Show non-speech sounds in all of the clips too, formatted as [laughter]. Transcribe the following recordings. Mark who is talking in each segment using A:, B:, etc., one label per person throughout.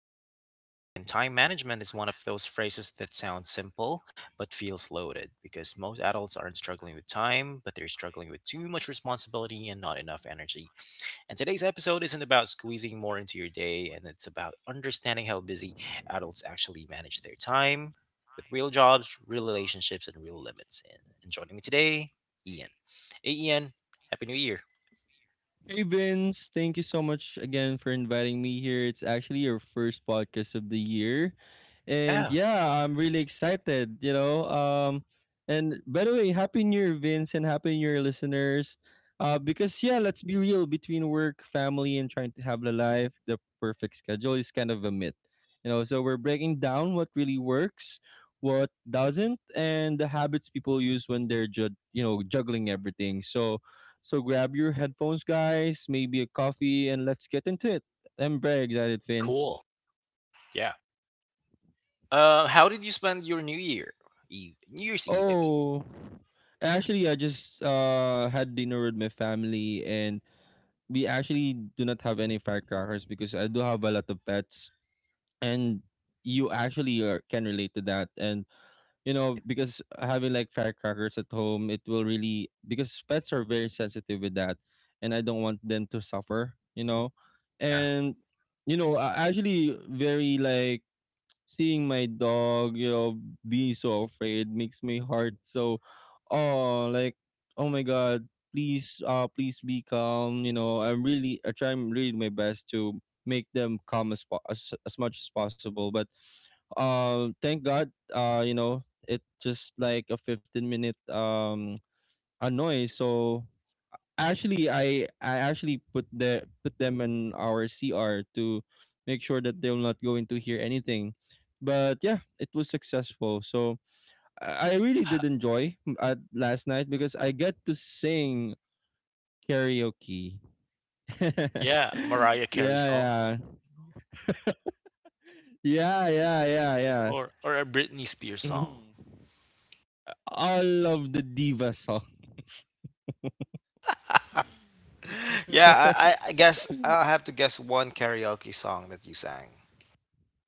A: with Vince. And time management is one of those phrases that sounds simple but feels loaded because most adults aren't struggling with time, but they're struggling with too much responsibility and not enough energy. And today's episode isn't about squeezing more into your day, and it's about understanding how busy adults actually manage their time with real jobs, real relationships, and real limits. And joining me today, Ian. Hey, Ian, happy New Year.
B: Hey Vince, thank you so much again for inviting me here. It's actually your first podcast of the year. And
A: Yeah,
B: yeah, I'm really excited, you know. And by the way, happy new year, Vince, and happy new year listeners. Because yeah, let's be real, between work, family, and trying to have the life, the perfect schedule is kind of a myth. You know, so we're breaking down what really works, what doesn't, and the habits people use when they're juggling everything. So grab your headphones, guys, maybe a coffee, and let's get into it. I'm very excited, Vince.
A: cool. Yeah. How did you spend your New Year Eve? New Year's Eve, I mean.
B: Oh, actually, I just had dinner with my family, and we actually do not have any firecrackers because I do have a lot of pets, and can relate to that. And you know,
A: Right.
B: because having like firecrackers at home, it will really, because pets are very sensitive with that, and I don't want them to suffer, you know.
A: Yeah.
B: And you know, I actually, very like, seeing my dog, you know, be so afraid makes me hard. So, oh, like, oh my god, please, please be calm. You know, I'm really, I try really my best to make them calm as much as possible, but thank god, you know, it just like a 15 minute annoy. So actually I actually put the, put them in our cr to make sure that they're not going to hear anything, but yeah, it was successful. So I really did enjoy at last night because I get to sing karaoke. [laughs]
A: Yeah,
B: yeah
A: Mariah Carey song,
B: yeah yeah yeah yeah yeah
A: or a Britney Spears song.
B: [clears throat] All of the diva songs.
A: Yeah, I, I
B: [laughs]
A: I guess I have to guess one karaoke song that you sang.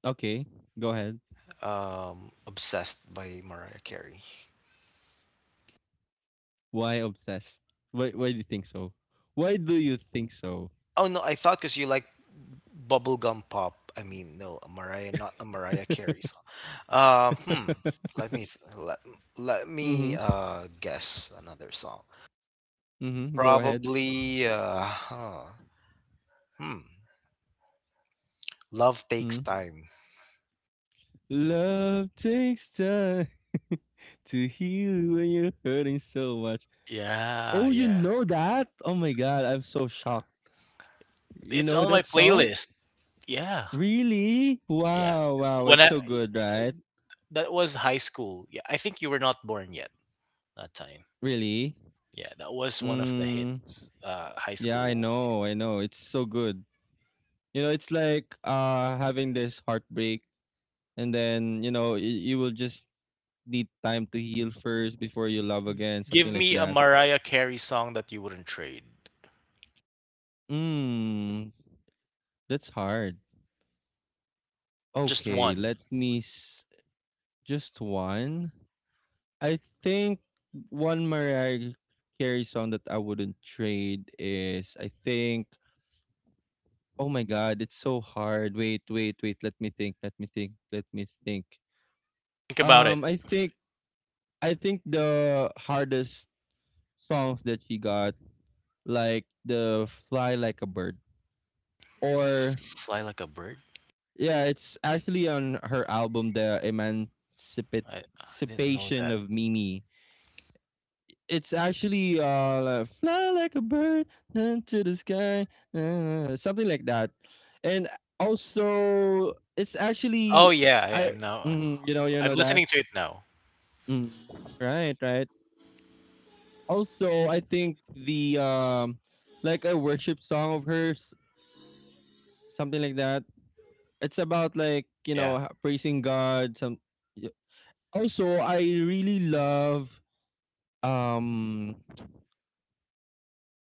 B: Okay, go ahead.
A: Obsessed by Mariah Carey.
B: Why obsessed? Why do you think so? Why do you think so?
A: Oh no, I thought because you like bubblegum pop. I mean, no, a Mariah, not a Mariah Carey song. Um, hmm. Let me th- let, let
B: [laughs]
A: me
B: Mhm.
A: guess another song.
B: Mhm. Go ahead.
A: Probably uh huh. Hmm. Love takes
B: Mhm.
A: time.
B: Love takes time [laughs] to heal when you're hurting so much.
A: Yeah,
B: Oh, you
A: yeah.
B: know that? Oh my god, I'm so shocked. You
A: It's
B: know
A: on my
B: that song?
A: playlist. Yeah,
B: Really?
A: yeah.
B: Wow, wow,
A: When
B: it's
A: I,
B: so good, right?
A: that was high school. Yeah, I think you were not born yet that time.
B: Really?
A: Yeah, that was one of the
B: Mm,
A: hits. High
B: yeah, I
A: school.
B: know, I know. It's so good. You know, it's like having this heartbreak, and then you know you will just need time to heal first before you love again, something
A: Give
B: like
A: me a
B: that.
A: Mariah Carey song that you wouldn't trade.
B: Mm, that's hard.
A: Just
B: Okay,
A: one.
B: just one. I think one Mariah Carey song that I wouldn't trade is, I think, oh my god, it's so hard. Wait, let me think, let me think, let me think.
A: Think about it.
B: I think I think the hardest songs that she got, like the fly like a bird. Or
A: Fly like a bird.
B: yeah, it's actually on her album The Emancipation
A: I didn't know that.
B: of Mimi. It's actually like, fly like a bird into the sky, something like that. And also it's
A: Oh
B: actually,
A: yeah,
B: I,
A: I'm now.
B: mm, you know, you
A: I'm
B: know that.
A: listening to it now.
B: Mm, right, right. Also, I think the like a worship song of hers, something like that. It's about, like, you know,
A: Yeah.
B: praising God, some. Also, I really love um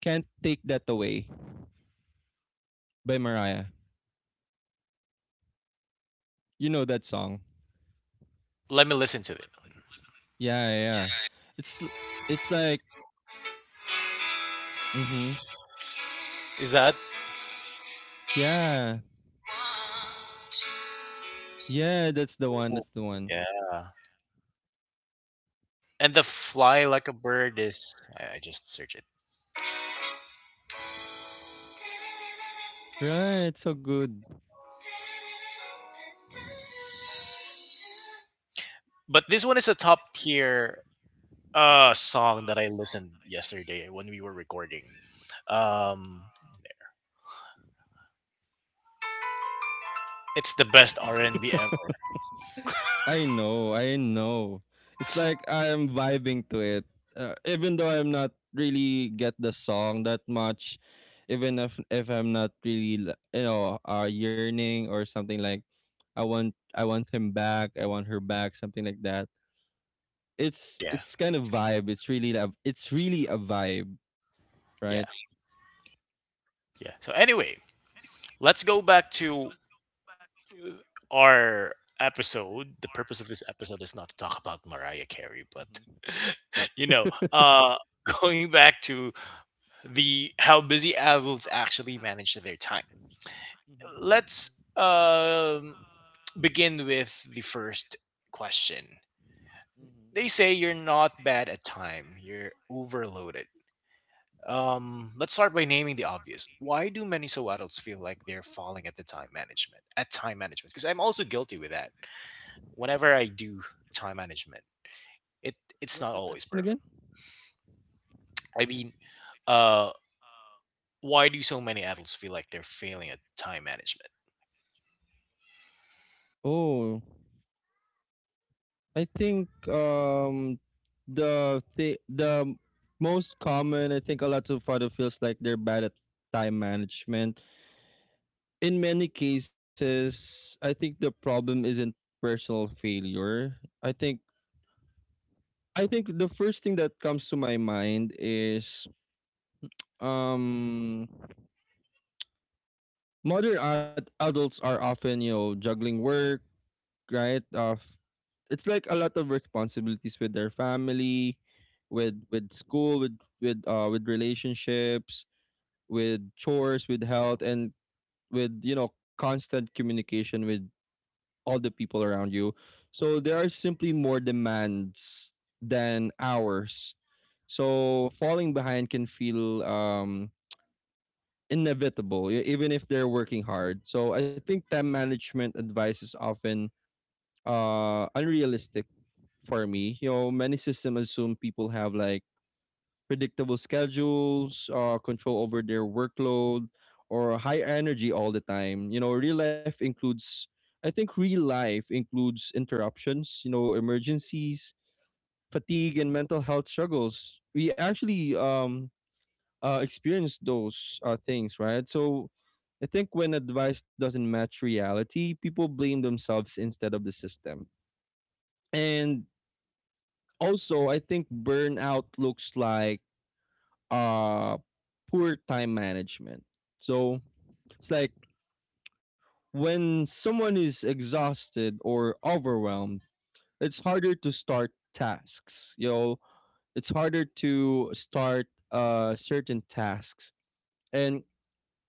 B: Can't Take That Away by Mariah. You know that song?
A: Let me listen to
B: Yeah, yeah, yeah. It's l-
A: it.
B: it's like, mhm.
A: Is that?
B: Yeah. Yeah, that's the one.
A: Ooh,
B: That's the one.
A: yeah. And the fly like a bird is. I just search it.
B: Right, so good.
A: But this one is a top tier song that I listened yesterday when we were recording. Um, it's the best R and B ever. [laughs]
B: I know, I know. It's like I'm vibing to it. Even though I'm not really get the song that much, even if I'm not really yearning, or something like, I want him back, I want her back, something like that. It's
A: Yeah,
B: it's kind of vibe. It's really a vibe, right?
A: yeah, yeah. So anyway, let's go back to uh, our episode. The purpose of this episode is not to talk about Mariah
B: Mm-hmm.
A: Carey, but [laughs] you know, going back to the how busy adults actually manage their time.
B: Mm-hmm.
A: Let's begin with the first question.
B: Mm-hmm.
A: They say you're not bad at time; you're overloaded. Let's start by naming the obvious. Why do many so adults feel like they're falling at the time management? At time management, because I'm also guilty with that. Whenever I do time management, it it's
B: What's the
A: not always
B: question again?
A: perfect. I mean, uh, why do so many adults feel like they're failing at time management?
B: Oh. I think the most common, I think a lot of father feels like they're bad at time management. In many cases, I think the problem isn't personal failure. I think I think the first thing that comes to my mind is um modern adults are often, you know, juggling work, right? Of, it's like a lot of responsibilities with their family, with school, with relationships, with chores, with health, and with, you know, constant communication with all the people around you. So there are simply more demands than hours. So falling behind can feel inevitable, even if they're working hard. So I think time management advice is often unrealistic for me. You know, many systems assume people have like predictable schedules, control over their workload, or high energy all the time. You know, real life includes interruptions. You know, emergencies, fatigue, and mental health struggles. We actually experience those things, right? So, I think when advice doesn't match reality, people blame themselves instead of the system. And also, I think burnout looks like uh poor time management. So it's like, when someone is exhausted or overwhelmed, it's harder to start tasks. You know, it's harder to start certain tasks. And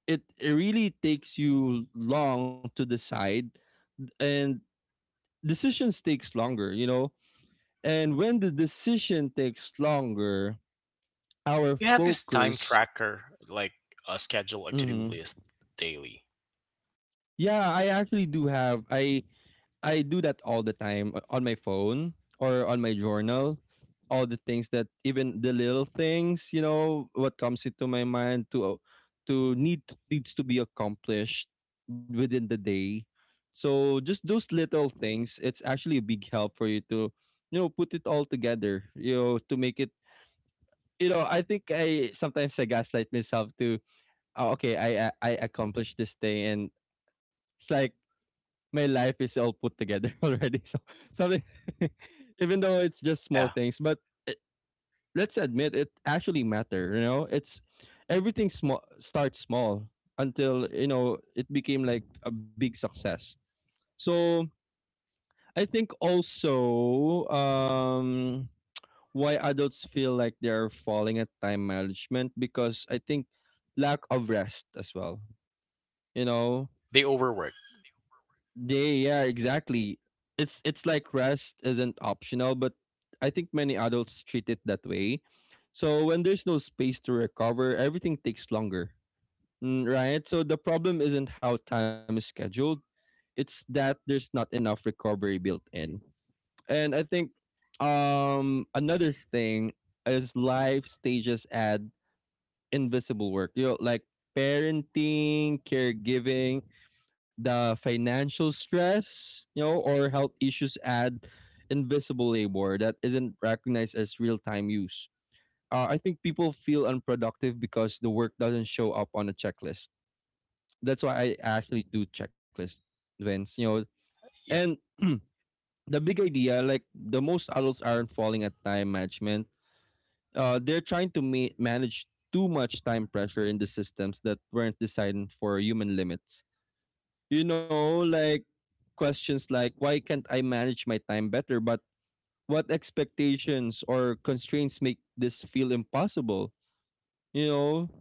B: it really takes you long to decide, and decisions takes longer, you know. And when the decision takes longer,
A: Do
B: our
A: you have this time
B: focus.
A: tracker, like a schedule, a to do
B: Mhm.
A: list daily?
B: Yeah, I actually do have. I do that all the time, on my phone or on my journal. All the things, that even the little things, you know, what comes into my mind to to need needs to be accomplished within the day. So just those little things, it's actually a big help for you to, you know, put it all together, you know, to make it, you know. I think I gaslight myself to, oh, okay, I accomplished this thing, and it's like my life is all put together [laughs] already. So something, [laughs] even though it's just small
A: Yeah,
B: things, but it, let's admit it actually matter. You know, it's, everything small starts small until, you know, it became like a big success. So I think also, why adults feel like they are falling at time management, because I think lack of rest as well. You know.
A: they overwork.
B: They, yeah, exactly. It's like rest isn't optional, but I think many adults treat it that way. So when there's no space to recover, everything takes longer. Mm, right? So the problem isn't how time is scheduled, it's that there's not enough recovery built in. And I think another thing is life stages add invisible work. You know, like parenting, caregiving, the financial stress, you know, or health issues add invisible labor that isn't recognized as real time use. I think people feel unproductive because the work doesn't show up on a checklist. That's why I actually do checklists, Vince, you know. And
A: Yeah.
B: [clears throat] the big idea, like the most adults aren't falling at time management, they're trying to manage too much time pressure in the systems that weren't designed for human limits. You know, like questions like, why can't I manage my time better? But what expectations or constraints make this feel impossible? You know,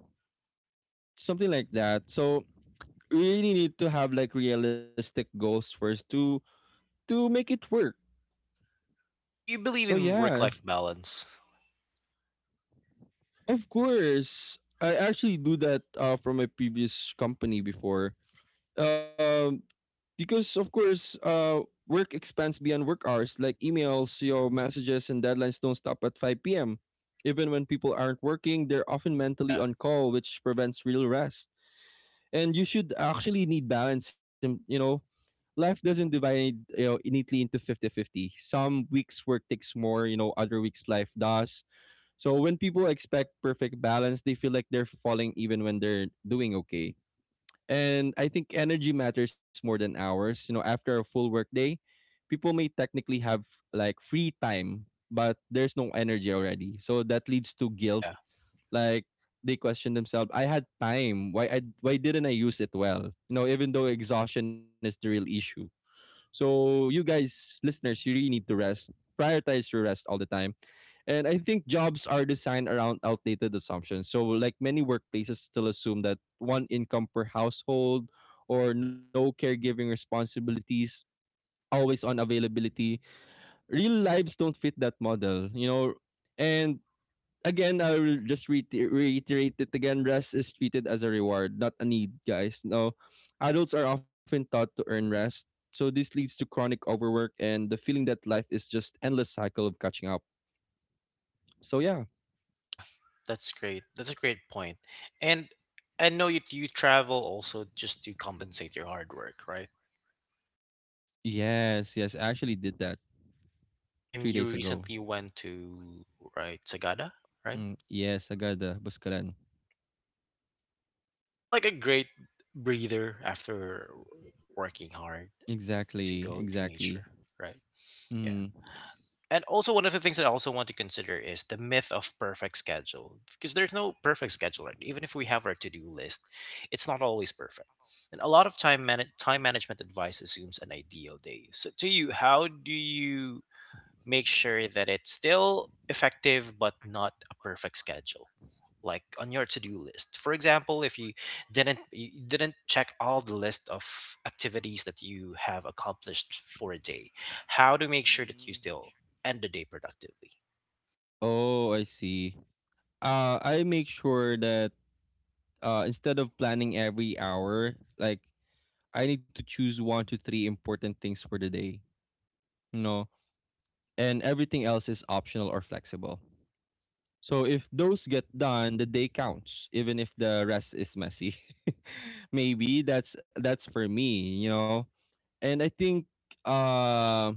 B: something like that. So we really need to have like realistic goals first to make it work.
A: Do you believe
B: So
A: in work
B: yeah,
A: life balance?
B: of course, I actually do that, from my previous company before, um because of course, work expands beyond work hours, like emails, your messages, and deadlines don't stop at 5 p.m. Even when people aren't working, they're often mentally
A: Yeah,
B: on call, which prevents real rest. And you should actually need balance, and you know, life doesn't divide, you know, neatly into 50-50. Some weeks work takes more, you know, other weeks life does. So when people expect perfect balance, they feel like they're falling even when they're doing okay. And I think energy matters more than hours. You know, after a full work day, people may technically have like free time, but there's no energy already. So that leads to guilt.
A: yeah.
B: Like they question themselves, I had time. Why didn't I use it well? You know, even though exhaustion is the real issue. So you guys, listeners, you really need to rest. Prioritize your rest all the time. And I think jobs are designed around outdated assumptions. So, like many workplaces still assume that one income per household, or no caregiving responsibilities, always on availability. Real lives don't fit that model, you know. And again, I will just reiterate it again, rest is treated as a reward, not a need, guys. No, adults are often taught to earn rest. So this leads to chronic overwork and the feeling that life is just endless cycle of catching up. So, yeah.
A: Yeah, that's great. That's a great point. And I know you travel also just to compensate your hard work, right?
B: Yes, yes, I actually did that
A: And
B: three
A: you
B: days ago.
A: recently went to right Sagada, right?
B: Mm, yes, Agada, Buscalan.
A: It's like a great breather after working hard to
B: Exactly,
A: go to
B: exactly.
A: nature, right? Yeah.
B: Mm.
A: And also, one of the things that I also want to consider is the myth of perfect schedule, because there's no perfect schedule, right? Even if we have our to-do list, it's not always perfect. And a lot of time management advice assumes an ideal day. So, to you, how do you make sure that it's still effective but not a perfect schedule, like on your to-do list, for example, if you didn't you didn't check all the list of activities that you have accomplished for a day, how to make sure that you
B: Mm.
A: still end the day productively?
B: Oh, I see. I make sure that, instead of planning every hour, like, I need to choose one to three important things for the day, you know, and everything else is optional or flexible. So if those get done, the day counts, even if the rest is messy. [laughs] Maybe that's for me, you know. And I think uh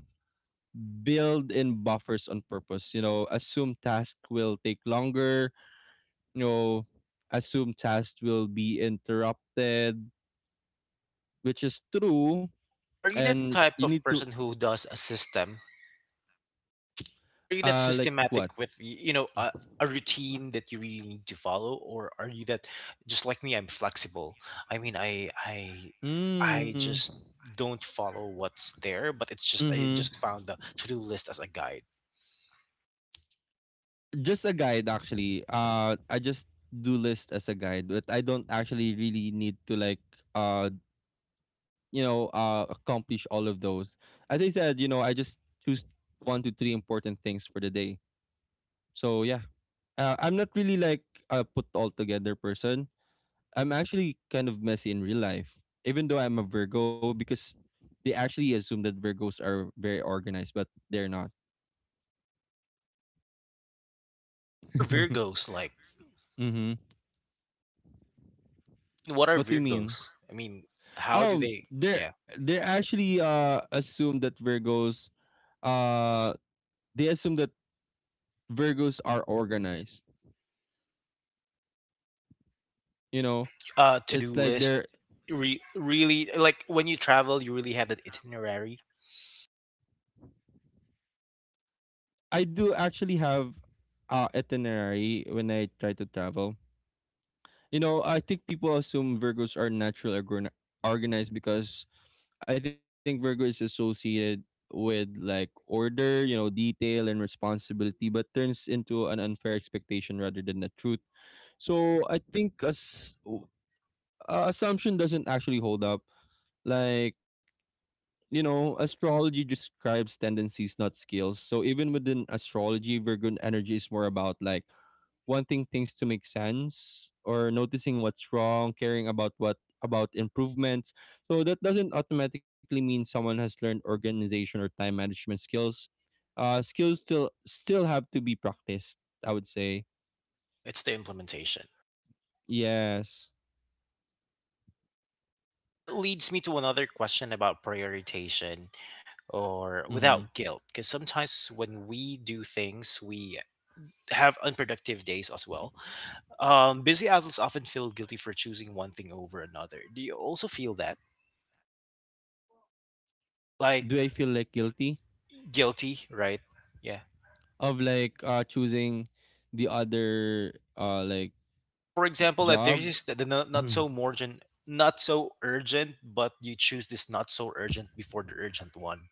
B: build in buffers on purpose. You know, assume task will take longer, you know, assume task will be interrupted, which is true.
A: Are you the
B: And
A: type
B: you
A: of
B: need to
A: person who does a system? Or are you that
B: like what?
A: systematic with you know, a routine that you really need to follow, or are you that just like me? I'm flexible. I mean, I
B: Mm.
A: just don't follow what's there, but it's just I
B: Mm-hmm.
A: just found the to do list as a guide.
B: Just a guide actually. I just do list as a guide, but I don't actually really need to like uh accomplish all of those as I said, you know, I just choose one to three important things for the day. So yeah, I'm not really like a put all together person. I'm actually kind of messy in real life even though I'm a Virgo because they actually assume that Virgos are very organized, but they're not.
A: What
B: [laughs]
A: are
B: Mm-hmm.
A: Virgos like? I mean, what are
B: What do you mean?
A: Virgos? I mean, how do
B: Oh,
A: they?
B: they're
A: Yeah,
B: they actually assume that Virgos uh they assume that Virgos are organized. You know,
A: like to do
B: it's like
A: list.
B: there
A: Really, like when you travel, you really have that itinerary.
B: I do actually have itinerary when I try to travel. You know, I think people assume Virgos are natural organized because I think Virgo is associated with like order, you know, detail and responsibility, but turns into an unfair expectation rather than the truth. So I think as assumption doesn't actually hold up. Like you know, astrology describes tendencies, not skills. So even within astrology, Virgo energy is more about like wanting things to make sense or noticing what's wrong, caring about what about improvements. So that doesn't automatically mean someone has learned organization or time management skills. Skills still have to be practiced. I would say
A: Yeah, it's the implementation.
B: yes.
A: And that leads me to another question about prioritization or
B: Mm-hmm.
A: without guilt. Because sometimes when we do things, we have unproductive days as well. Busy adults often feel guilty for choosing one thing over another. Do you also feel that?
B: Do I feel
A: Like
B: like guilty
A: guilty, right? Yeah.
B: of like choosing the other uh like
A: Yeah, for example, that
B: job,
A: there's this, the not, not so urgent, not so urgent, but you choose this not so urgent before the urgent one.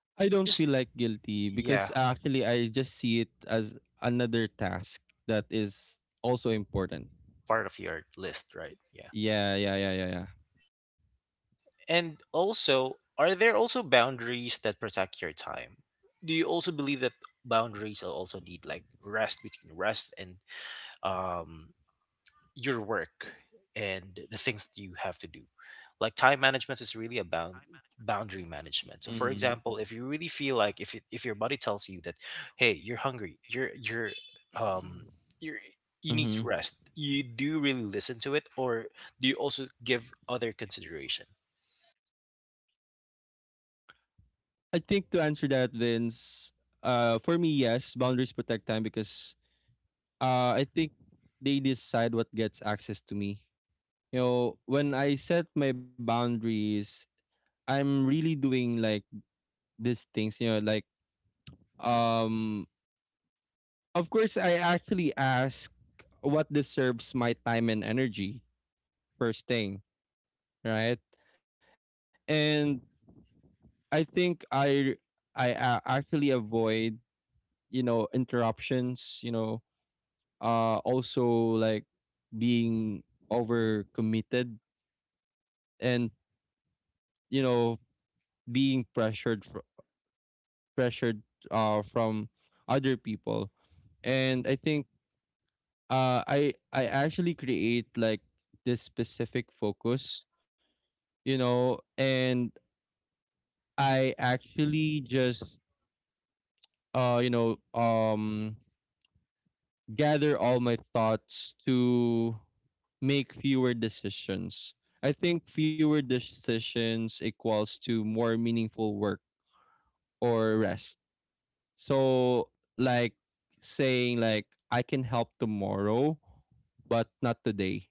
B: I don't
A: Let's
B: feel
A: just,
B: like guilty because
A: yeah,
B: actually I just see it as another task that is also important.
A: it's part of your list, right? Yeah.
B: Yeah, yeah, yeah, yeah, yeah.
A: And also, are there also boundaries that protect your time? Do you also believe that boundaries are also need like rest between rest and um, your work and the things that you have to do? Like time management is really about boundary management. So, for
B: Mm-hmm.
A: example, if you really feel like if your body tells you that, hey, you're hungry, um
B: [clears throat]
A: you're you need to
B: Mm-hmm.
A: rest. You do really listen to it, or do you also give other consideration?
B: I think to answer that, Vince, for me, yes, boundaries protect time because I think they decide what gets access to me. You know, when I set my boundaries, I'm really doing like these things, you know, like um of course I actually ask what deserves my time and energy first thing, right? And I think I actually avoid, you know, interruptions, you know, also like being overcommitted and, you know, being pressured from other people. And I think I actually create like this specific focus, you know, and I actually just uh you know um gather all my thoughts to make fewer decisions. I think fewer decisions equals to more meaningful work or rest. So like saying like I can help tomorrow but not today,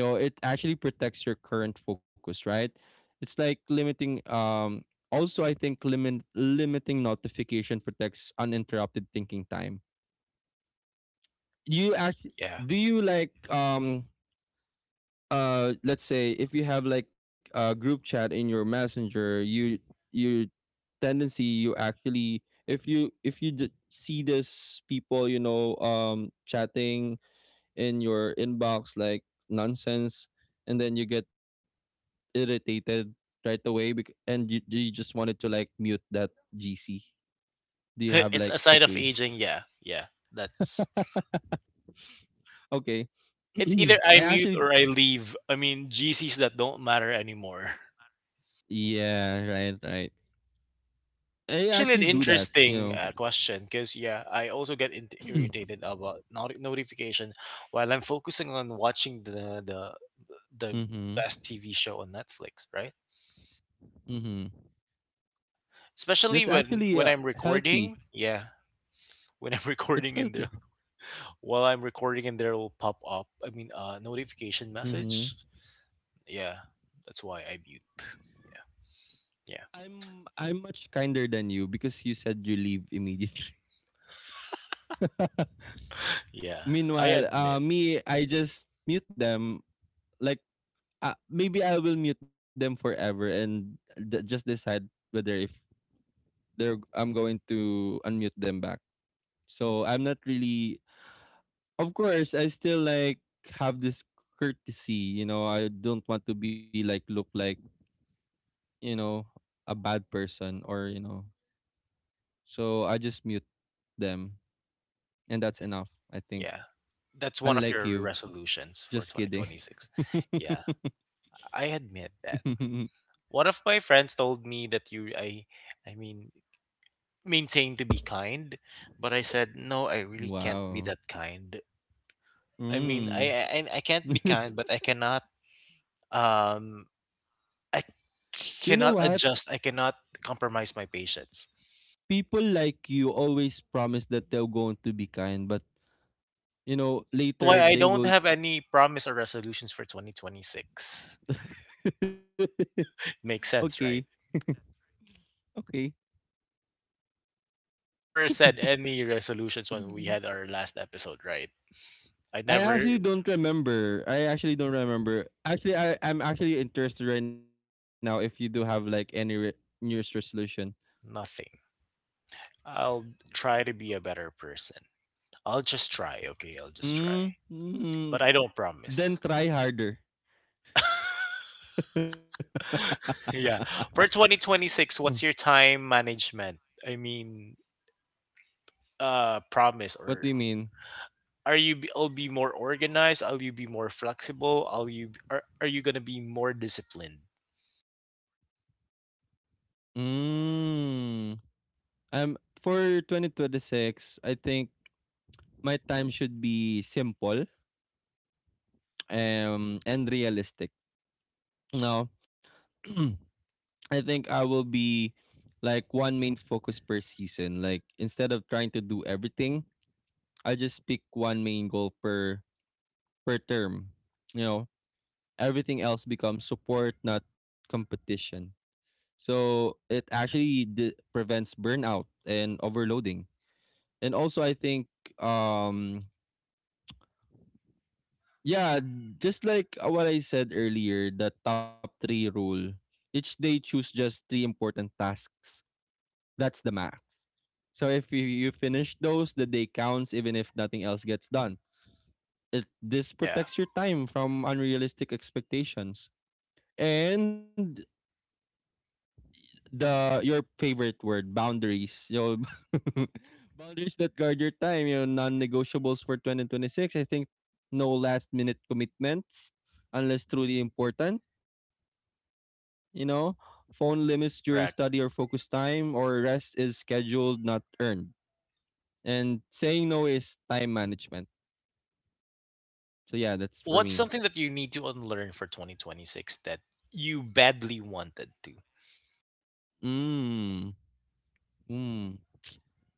B: you know, it actually protects your current focus, right? It's like limiting, also I think limiting notification protects uninterrupted thinking time. You actually
A: Yeah.
B: do you like let's say if you have like a group chat in your messenger you your tendency you actually if you see this people, you know, chatting in your inbox like nonsense, and then you get irritated right away and you just wanted to like mute that GC? Do
A: [laughs]
B: you have
A: It's
B: like
A: a sign of
B: situation?
A: aging. Yeah, yeah. That's,
B: Okay. [clears throat]
A: it's either
B: I
A: I mute
B: actually
A: or I leave. I mean, GCs that don't matter anymore. [laughs]
B: yeah, right, right.
A: It's
B: I
A: actually an
B: actually do that, you
A: interesting
B: know.
A: question because yeah, I also get
B: Interesting.
A: irritated about notification while I'm focusing on watching
B: [clears throat]
A: the
B: Mhm.
A: best TV show on Netflix, right?
B: Mhm.
A: Yeah,
B: That's
A: especially when
B: actually
A: when I'm
B: healthy.
A: recording. Yeah, when I'm [laughs]
B: It's
A: recording in
B: healthy.
A: there, while I'm recording in there will pop up. I mean, notification
B: Mhm.
A: message. Yeah, that's why I mute. Yeah, yeah,
B: I'm much kinder than you because you said you leave immediately. [laughs]
A: yeah. I
B: Meanwhile,
A: admit.
B: me I just mute them like, maybe I will mute them forever and just decide whether if they're I'm going to unmute them back. So I'm not really. Of course, I still like have this courtesy. You know, I don't want to be like look like you know a bad person or you know. So I just mute them, and that's enough. I think.
A: Yeah, that's one of
B: Unlike
A: your
B: you,
A: resolutions for
B: just kidding.
A: 2026.
B: [laughs]
A: Yeah, I admit that. One of my friends told me that I mean, maintain to be kind, but I said no. I really can't be
B: Wow.
A: that kind. I mean,
B: Mm.
A: I can't be kind,
B: [laughs]
A: but I cannot. Um, I
B: You know what?
A: cannot adjust. I cannot compromise my patience.
B: People like you always promise that they're going to be kind, but you know,
A: That's why
B: later
A: I
B: they
A: don't
B: will.
A: have any promise or resolutions for 2026.
B: [laughs]
A: [laughs] Makes sense, right?
B: Okay, okay.
A: Never said any resolutions when we had
B: Mhm.
A: our last episode, right? I
B: I
A: never,
B: actually don't remember. I actually don't remember. Actually, I'm actually interested right now if you do have like any New Year's resolution.
A: nothing. I'll try to be a better person. I'll just try, okay? I'll just try.
B: Mm, mm,
A: But I don't
B: then
A: promise.
B: try harder.
A: [laughs] Yeah. For
B: Huh.
A: 2026, what's your time management? I mean, promise,
B: What
A: or
B: do you mean?
A: are you I'll be more organized? I'll you be more flexible? Are you going to be more disciplined?
B: Mm, um, for 2026, I think my time should be simple, and realistic. Now, [clears throat] I think I will be like one main focus per season. Like instead of trying to do everything, I'll just pick one main goal per per term. You know, everything else becomes support, not competition. So it actually prevents burnout and overloading. And also, I think um, yeah, just like what I said earlier, the top three rule. Each day, choose just three important tasks. That's the max. So if you, you finish those, the day counts even if nothing else gets done. It this
A: Yeah,
B: protects your time from unrealistic expectations. And the your favorite word, boundaries. You know, [laughs] boundaries that guard your time, you know, non-negotiables for 2026. I think no last minute commitments unless truly important, you know, phone limits during
A: correct.
B: study or focus time, or rest is scheduled not earned, and saying no is time management. So yeah,
A: W-
B: that's for
A: What's
B: me.
A: something that you need to unlearn for 2026 that you badly wanted to?
B: Mm, mm.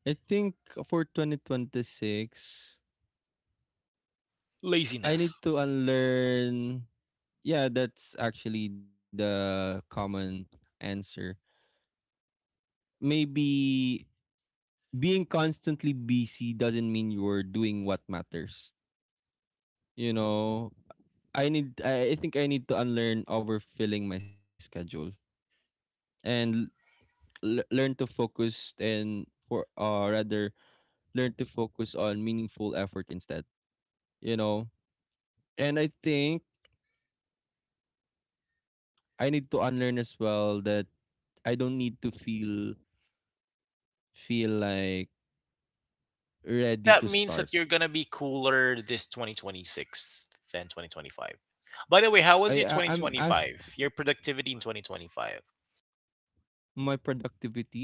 B: I think for 2026 I need
A: Laziness.
B: to unlearn, yeah that's actually the common answer. Maybe being constantly busy doesn't mean you're doing what matters, you know. I need I think I need to unlearn overfilling my schedule
A: Correct.
B: and learn to focus and for rather learn to focus on meaningful effort instead, you know. And I think I need to unlearn as well that I don't need to feel like
A: So
B: ready
A: that
B: to
A: means
B: start.
A: that you're going to be cooler this 2026 than 2025. By the way, how was your
B: I'm actually
A: 2025? Your productivity in 2025?
B: my productivity.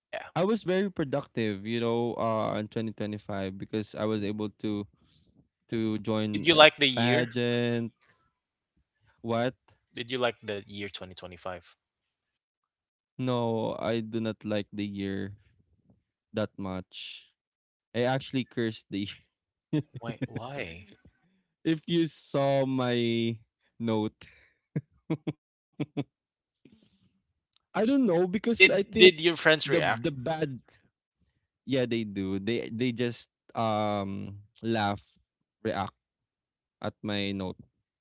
A: Yeah.
B: I was very productive, you know, in 2025 because I was able to
A: Did
B: join
A: you
B: a
A: like the year?
B: pageant. What?
A: Did you like the year 2025?
B: No, I do not like the year that much. I actually curse the year. [laughs]
A: Why why?
B: If you saw my note. I don't know because I think
A: Did your friends
B: the
A: react?
B: bad yeah, they do. They just um laugh, react at my note.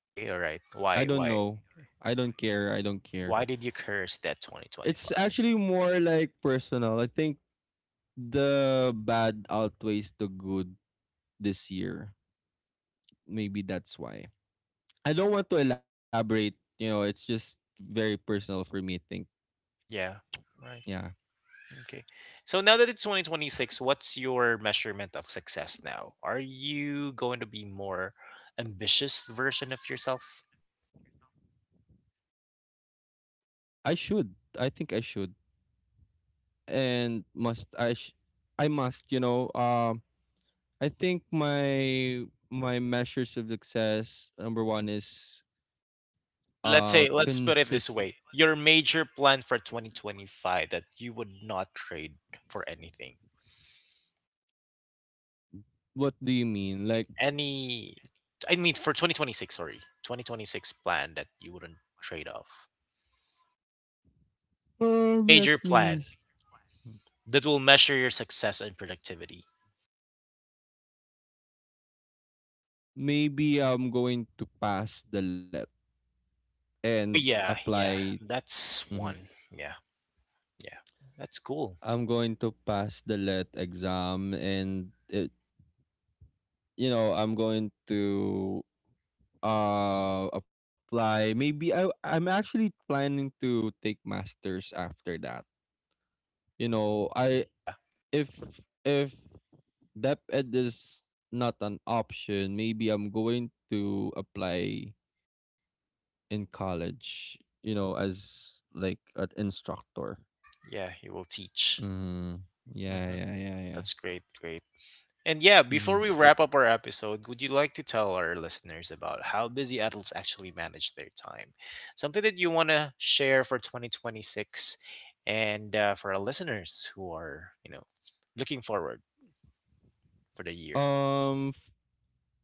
A: Okay, all right.
B: I
A: Why
B: don't
A: why?
B: know. I don't care. I don't care.
A: Why did you curse that
B: It's
A: 2025?
B: actually more like personal. I think the bad outweighs the good this year. Maybe that's why. I don't want to elaborate, you know, it's just very personal for me, I think.
A: Yeah. Right.
B: Yeah.
A: Okay. So now that it's 2026, what's your measurement of success now? Are you going to be more ambitious version of yourself?
B: I should. I think I should. And must I must, you know, I think my measures of success number 1 is
A: Oh, let's say let's put
B: consist
A: it this way. Your major plan for 2025 that you would not trade for anything.
B: what do you mean? Like,
A: Any, I mean for 2026, sorry. 2026 plan that you wouldn't trade off. A
B: let
A: major
B: me.
A: plan that will measure your success and productivity.
B: Maybe I'm going to pass the let and
A: Oh yeah, yeah.
B: apply.
A: That's
B: Mhm.
A: one. Yeah. Yeah. That's cool.
B: I'm going to pass the LET exam and it, you know, I'm going to apply. Maybe I'm actually planning to take masters after that. You know, I
A: Yeah,
B: if if dep ed is not an option, maybe I'm going to apply in college, you know, as like an instructor.
A: yeah, he will teach.
B: Mm, yeah,
A: Hmm.
B: yeah, yeah, yeah.
A: That's great, great. And yeah, before we
B: Mm-hmm.
A: wrap up our episode, would you like to tell our listeners about how busy adults actually manage their time? Something that you want to share for 2026 and for our listeners who are, you know, looking forward for the year.
B: Um,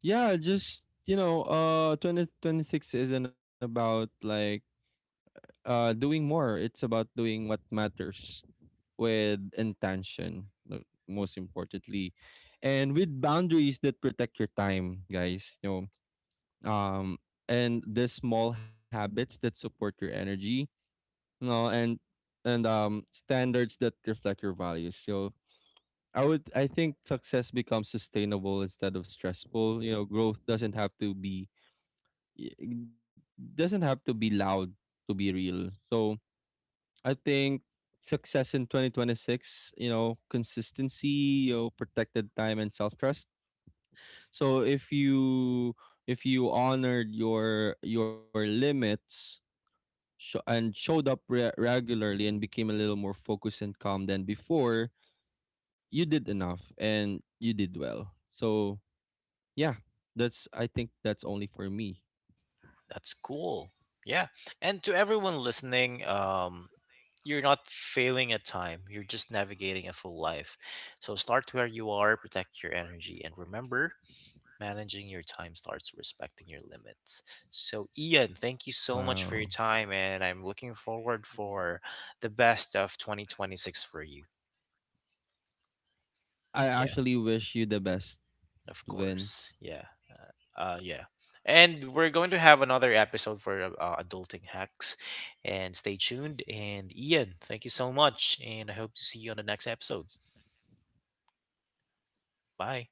B: yeah, just you know, 2026 isn't about like doing more. It's about doing what matters with intention, most importantly. And with boundaries that protect your time, guys, you know. And the small habits that support your energy, you know, and standards that reflect your values. So I think success becomes sustainable instead of stressful. You know, growth doesn't have to be it doesn't have to be loud to be real. So I think success in 2026, you know, consistency, you know, protected time and self-trust. So if you honored your limits and showed up regularly and became a little more focused and calm than before, you did enough and you did well. So yeah, that's I think that's only for me.
A: That's cool. Yeah. And to everyone listening, you're not failing at time. You're just navigating a full life. So start where you are, protect your energy, and remember managing your time starts respecting your limits. So Ian, thank you so
B: Wow.
A: much for your time and I'm looking forward for the best of 2026 for you.
B: I
A: Yeah,
B: actually wish you the best,
A: of course.
B: Vince.
A: Yeah. Yeah. And we're going to have another episode for adulting hacks and stay tuned and Ian, thank you so much and I hope to see you on the next episode. Bye.